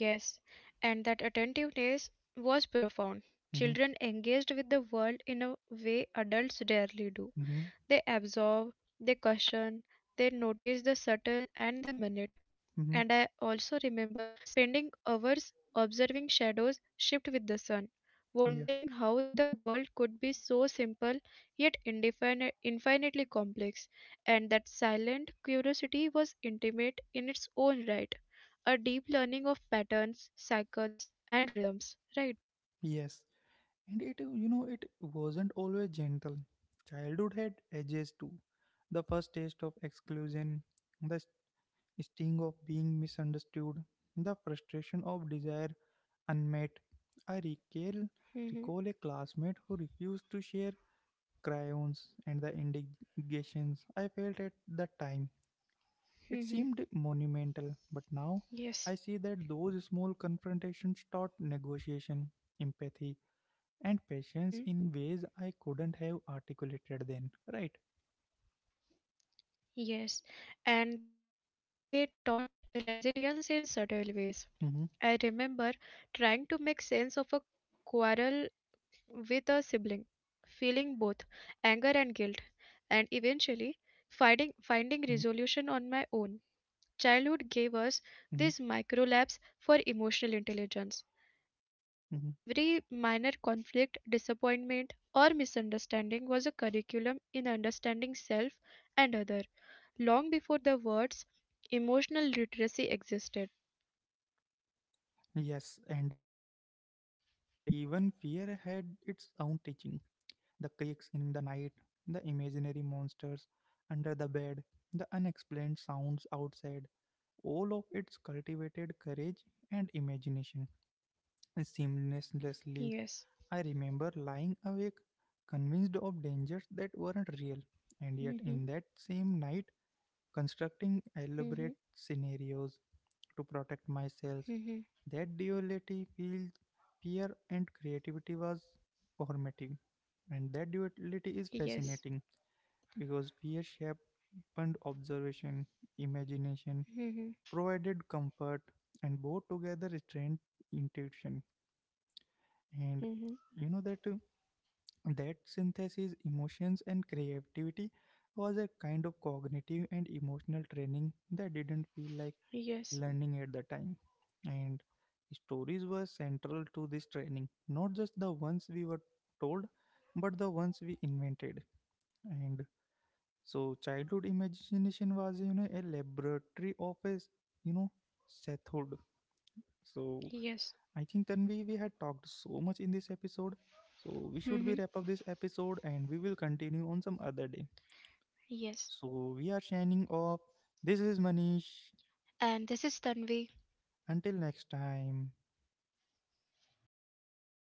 B: Yes. And that attentiveness was profound.
A: Mm-hmm,
B: Children engaged with the world in a way adults rarely do.
A: mm-hmm,
B: They absorb, they question, they notice the subtle and the minute. And
A: mm-hmm.
B: I also remember spending hours observing shadows shift with the sun,
A: Yeah,
B: wondering how the world could be so simple yet infinitely complex, and that silent curiosity was intimate in its own right, a deep learning of patterns, cycles, and rhythms, right?
A: yes. And it, you know, it wasn't always gentle. Childhood had edges too. The first taste of exclusion, the sting of being misunderstood, the frustration of desire unmet. I recall,
B: Hmm.
A: recall a classmate who refused to share crayons and the indications I felt at that time. It
B: Hmm.
A: seemed monumental, but
B: Yes.
A: now I see that those small confrontations taught negotiation, empathy, and patience
B: Mm-hmm.
A: in ways I couldn't have articulated then. Right?
B: Yes, and they taught resilience in subtle ways. I remember
A: Mm-hmm,
B: trying to make sense of a quarrel with a sibling, feeling both
A: mm-hmm,
B: anger and guilt, and eventually
A: mm-hmm,
B: finding resolution on my own. Childhood gave us
A: mm-hmm,
B: these micro labs for emotional intelligence.
A: mm-hmm.
B: Every minor conflict, disappointment, or misunderstanding was a curriculum in understanding self and other, long before the words emotional literacy existed.
A: Yes, and even fear had its own teaching. The creaks in the night, the imaginary monsters under the bed, the unexplained sounds outside, all of its cultivated courage and imagination. Seamlessly,
B: Yes.
A: I remember lying awake, convinced of dangers that weren't real, and yet in
B: Mhm.
A: that same night, constructing elaborate
B: Mhm.
A: scenarios to protect myself.
B: Mhm.
A: That duality feels fear and creativity was formative. And that duality is fascinating
B: Yes.
A: because fear sharpened observation, imagination,
B: Mhm.
A: provided comfort, and both together restrained intuition. And you
B: Mhm.
A: know that uh, that synthesis, emotions and creativity, was a kind of cognitive and emotional training that didn't feel like learning
B: Yes.
A: at the time. And stories were central to this training, not just the ones we were told, but the ones we invented. And so, childhood imagination was, a laboratory of a, s- you know, Sethhood. So, I think
B: Yes.
A: Tanvi, we had talked so much in this episode. So, we should be wrap up this
B: Mhm.
A: episode and we will continue on some other day. So, we are
B: Yes.
A: signing off. This is Manish.
B: And this is Tanvi.
A: Until next time.